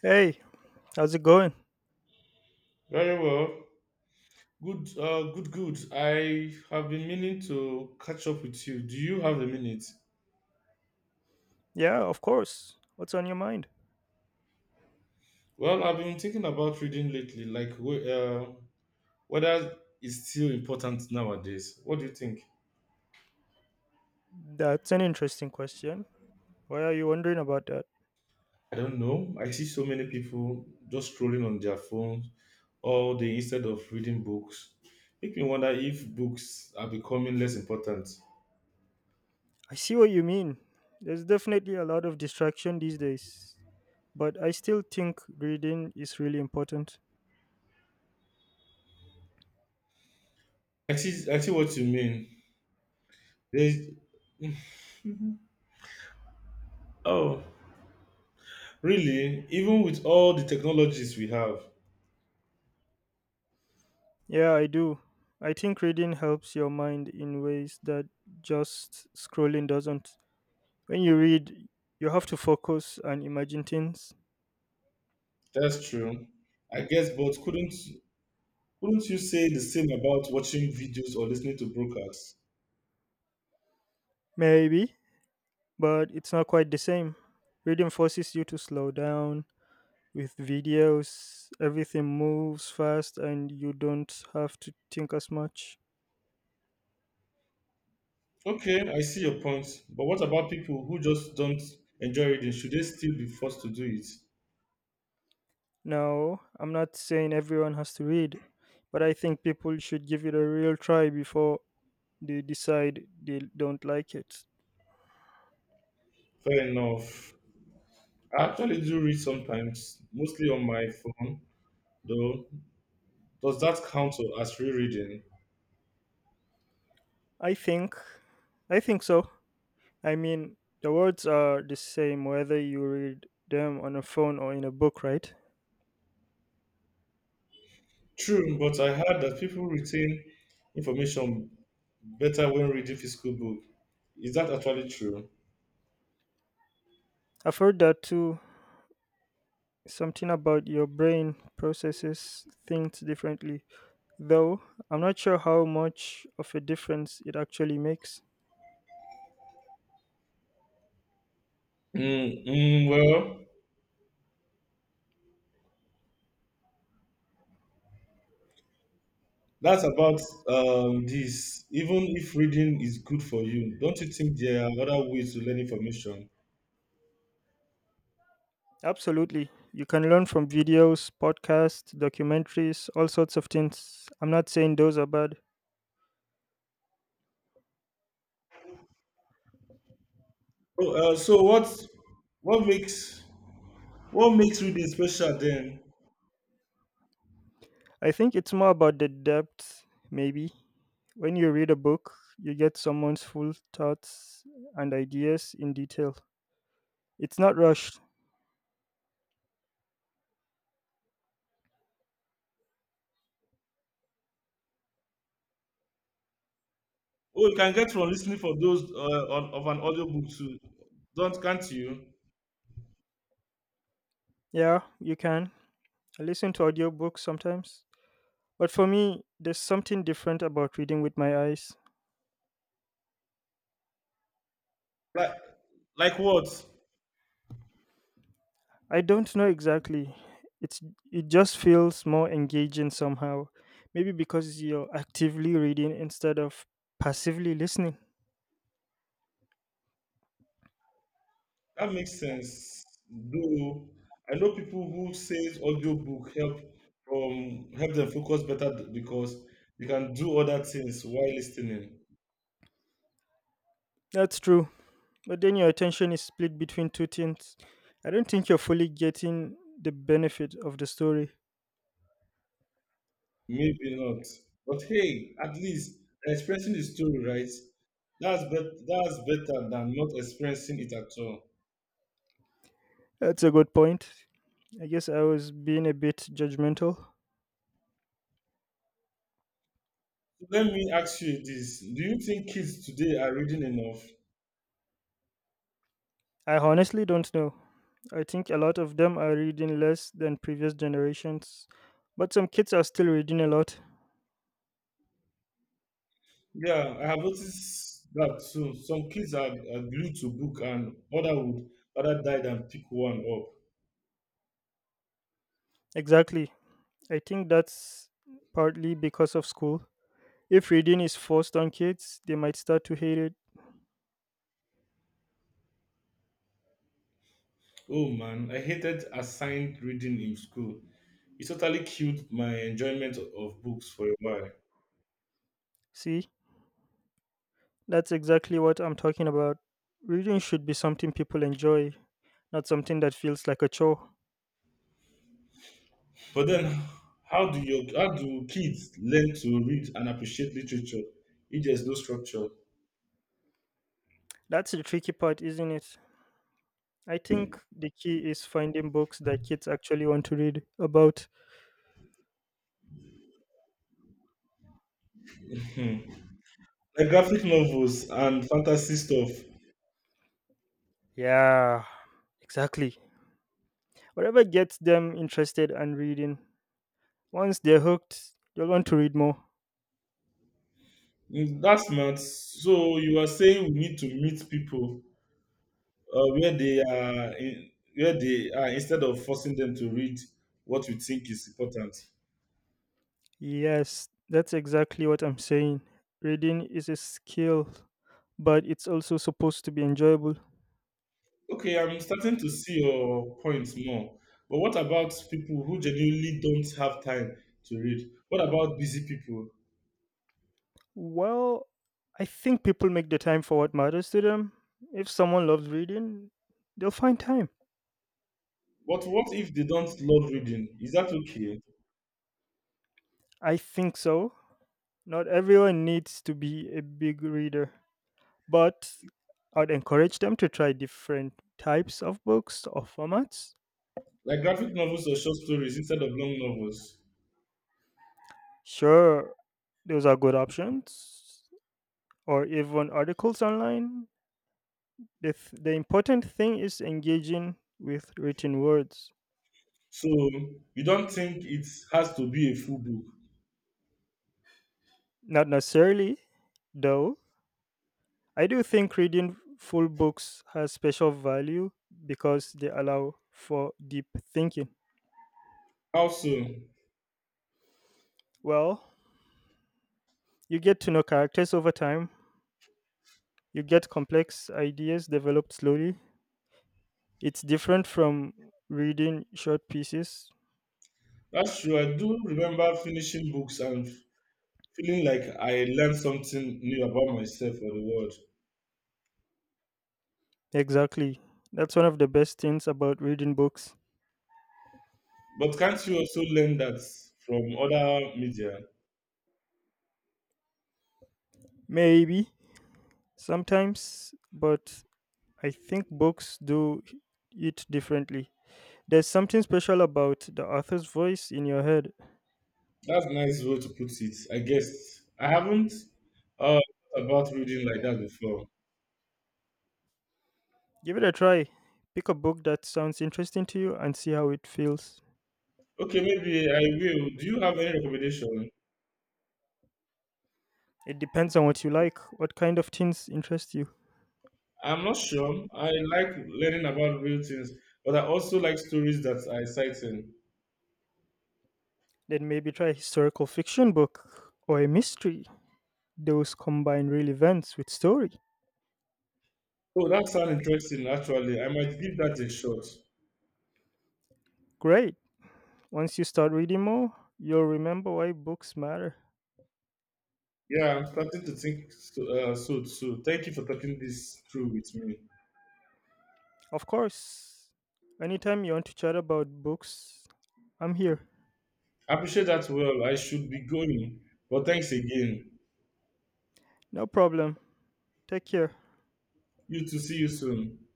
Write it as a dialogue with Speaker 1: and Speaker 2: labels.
Speaker 1: Hey, how's it going?
Speaker 2: Very well. Good, good. I have been meaning to catch up with you. Do you have a minute?
Speaker 1: Yeah, of course. What's on your mind?
Speaker 2: Well, I've been thinking about reading lately, like whether it's still important nowadays. What do you think?
Speaker 1: That's an interesting question. Why are you wondering about that?
Speaker 2: I don't know. I see so many people just scrolling on their phones all day instead of reading books. Make me wonder if books are becoming less important.
Speaker 1: I see what you mean. There's definitely a lot of distraction these days, but I still think reading is really important.
Speaker 2: I see what you mean. There's, oh, Really? Even with all the technologies we have.
Speaker 1: Yeah, I do. I think reading helps your mind in ways that just scrolling doesn't. When you read, you have to focus and imagine things.
Speaker 2: That's true. I guess, but couldn't you say the same about watching videos or listening to broadcasts?
Speaker 1: Maybe, but it's not quite the same. Reading forces you to slow down. With videos everything moves fast and you don't have to think as much.
Speaker 2: Okay, I see your point. But what about people who just don't enjoy reading? Should they still be forced to do it?
Speaker 1: Now I'm not saying everyone has to read, but I think people should give it a real try before they decide they don't like it.
Speaker 2: Fair enough. I actually do read sometimes, mostly on my phone, though. Does that count as rereading?
Speaker 1: I think i think so. I mean, the words are the same whether you read them on a phone or in a book, right?
Speaker 2: True, but I heard that people retain information better when reading physical book. Is that actually true?
Speaker 1: I've heard that too, something about your brain processes things differently, though I'm not sure how much of a difference it actually makes.
Speaker 2: Well, that's about this. Even if reading is good for you, don't you think there are other ways to learn information?
Speaker 1: Absolutely. You can learn from videos, podcasts, documentaries, all sorts of things. I'm not saying those are bad.
Speaker 2: So what makes reading special then?
Speaker 1: I think it's more about the depth, maybe. When you read a book, you get someone's full thoughts and ideas in detail. It's not rushed.
Speaker 2: Oh, you can get from listening for those on, of an audiobook too. Don't can't you?
Speaker 1: Yeah, you can. I listen to audiobooks sometimes. But for me, there's something different about reading with my eyes.
Speaker 2: Like like what?
Speaker 1: I don't know exactly. It's it just feels more engaging somehow. Maybe because you're actively reading instead of passively listening.
Speaker 2: That makes sense. Though I know people who says audiobook help from help them focus better because you can do other things while listening.
Speaker 1: That's true. But then your attention is split between two things. I don't think you're fully getting the benefit of the story.
Speaker 2: Maybe not. But hey, at least expressing the story, right? That's better than not expressing it at all.
Speaker 1: That's a good point. I guess I was being a bit judgmental.
Speaker 2: So let me ask you this. Do you think kids today are reading enough?
Speaker 1: I honestly don't know. I think a lot of them are reading less than previous generations, but some kids are still reading a lot.
Speaker 2: Yeah, I have noticed that too. Some kids are glued to book and other would rather die than pick one up.
Speaker 1: Exactly. I think that's partly because of school. If reading is forced on kids, they might start to hate it.
Speaker 2: Oh man, I hated assigned reading in school. It totally killed my enjoyment of books for a while.
Speaker 1: See, that's exactly what I'm talking about. Reading should be something people enjoy, not something that feels like a chore.
Speaker 2: But then, how do kids learn to read and appreciate literature if there's no structure?
Speaker 1: That's the tricky part, isn't it? I think the key is finding books that kids actually want to read about.
Speaker 2: Like graphic novels and fantasy stuff.
Speaker 1: Yeah, exactly. Whatever gets them interested and reading. Once they're hooked, they'll want to read more.
Speaker 2: That's not so. You are saying we need to meet people where they are, instead of forcing them to read what we think is important.
Speaker 1: Yes, that's exactly what I'm saying. Reading is a skill, but it's also supposed to be enjoyable.
Speaker 2: Okay, I'm starting to see your points more. But what about people who genuinely don't have time to read? What about busy people?
Speaker 1: Well, I think people make the time for what matters to them. If someone loves reading, they'll find time.
Speaker 2: But what if they don't love reading? Is that okay?
Speaker 1: I think so. Not everyone needs to be a big reader, but I'd encourage them to try different types of books or formats.
Speaker 2: Like graphic novels or short stories instead of long novels.
Speaker 1: Sure, those are good options, or even articles online. The important thing is engaging with written words.
Speaker 2: So you don't think it has to be a full book.
Speaker 1: Not necessarily, though. I do think reading full books has special value because they allow for deep thinking.
Speaker 2: How so?
Speaker 1: Well, you get to know characters over time, you get complex ideas developed slowly. It's different from reading short pieces.
Speaker 2: That's true. I do remember finishing books and feeling like I learned something new about myself or the world.
Speaker 1: Exactly. That's one of the best things about reading books.
Speaker 2: But can't you also learn that from other media?
Speaker 1: Maybe sometimes, but I think books do it differently. There's something special about the author's voice in your head.
Speaker 2: That's a nice way to put it, I guess. I haven't uh, thought about reading like that before.
Speaker 1: Give it a try. Pick a book that sounds interesting to you and see how it feels.
Speaker 2: Okay, maybe I will. Do you have any recommendation?
Speaker 1: It depends on what you like, what kind of things interest you.
Speaker 2: I'm not sure. I like learning about real things, but I also like stories that are exciting.
Speaker 1: Then maybe try a historical fiction book or a mystery. Those combine real events with story.
Speaker 2: Oh, that sounds interesting, actually. I might give that a shot.
Speaker 1: Great. Once you start reading more, you'll remember why books matter.
Speaker 2: Yeah, I'm starting to think so too. Thank you for talking this through with me.
Speaker 1: Of course, anytime you want to chat about books, I'm here.
Speaker 2: I appreciate that well. I should be going, but thanks again.
Speaker 1: No problem. Take care.
Speaker 2: You too. See you soon.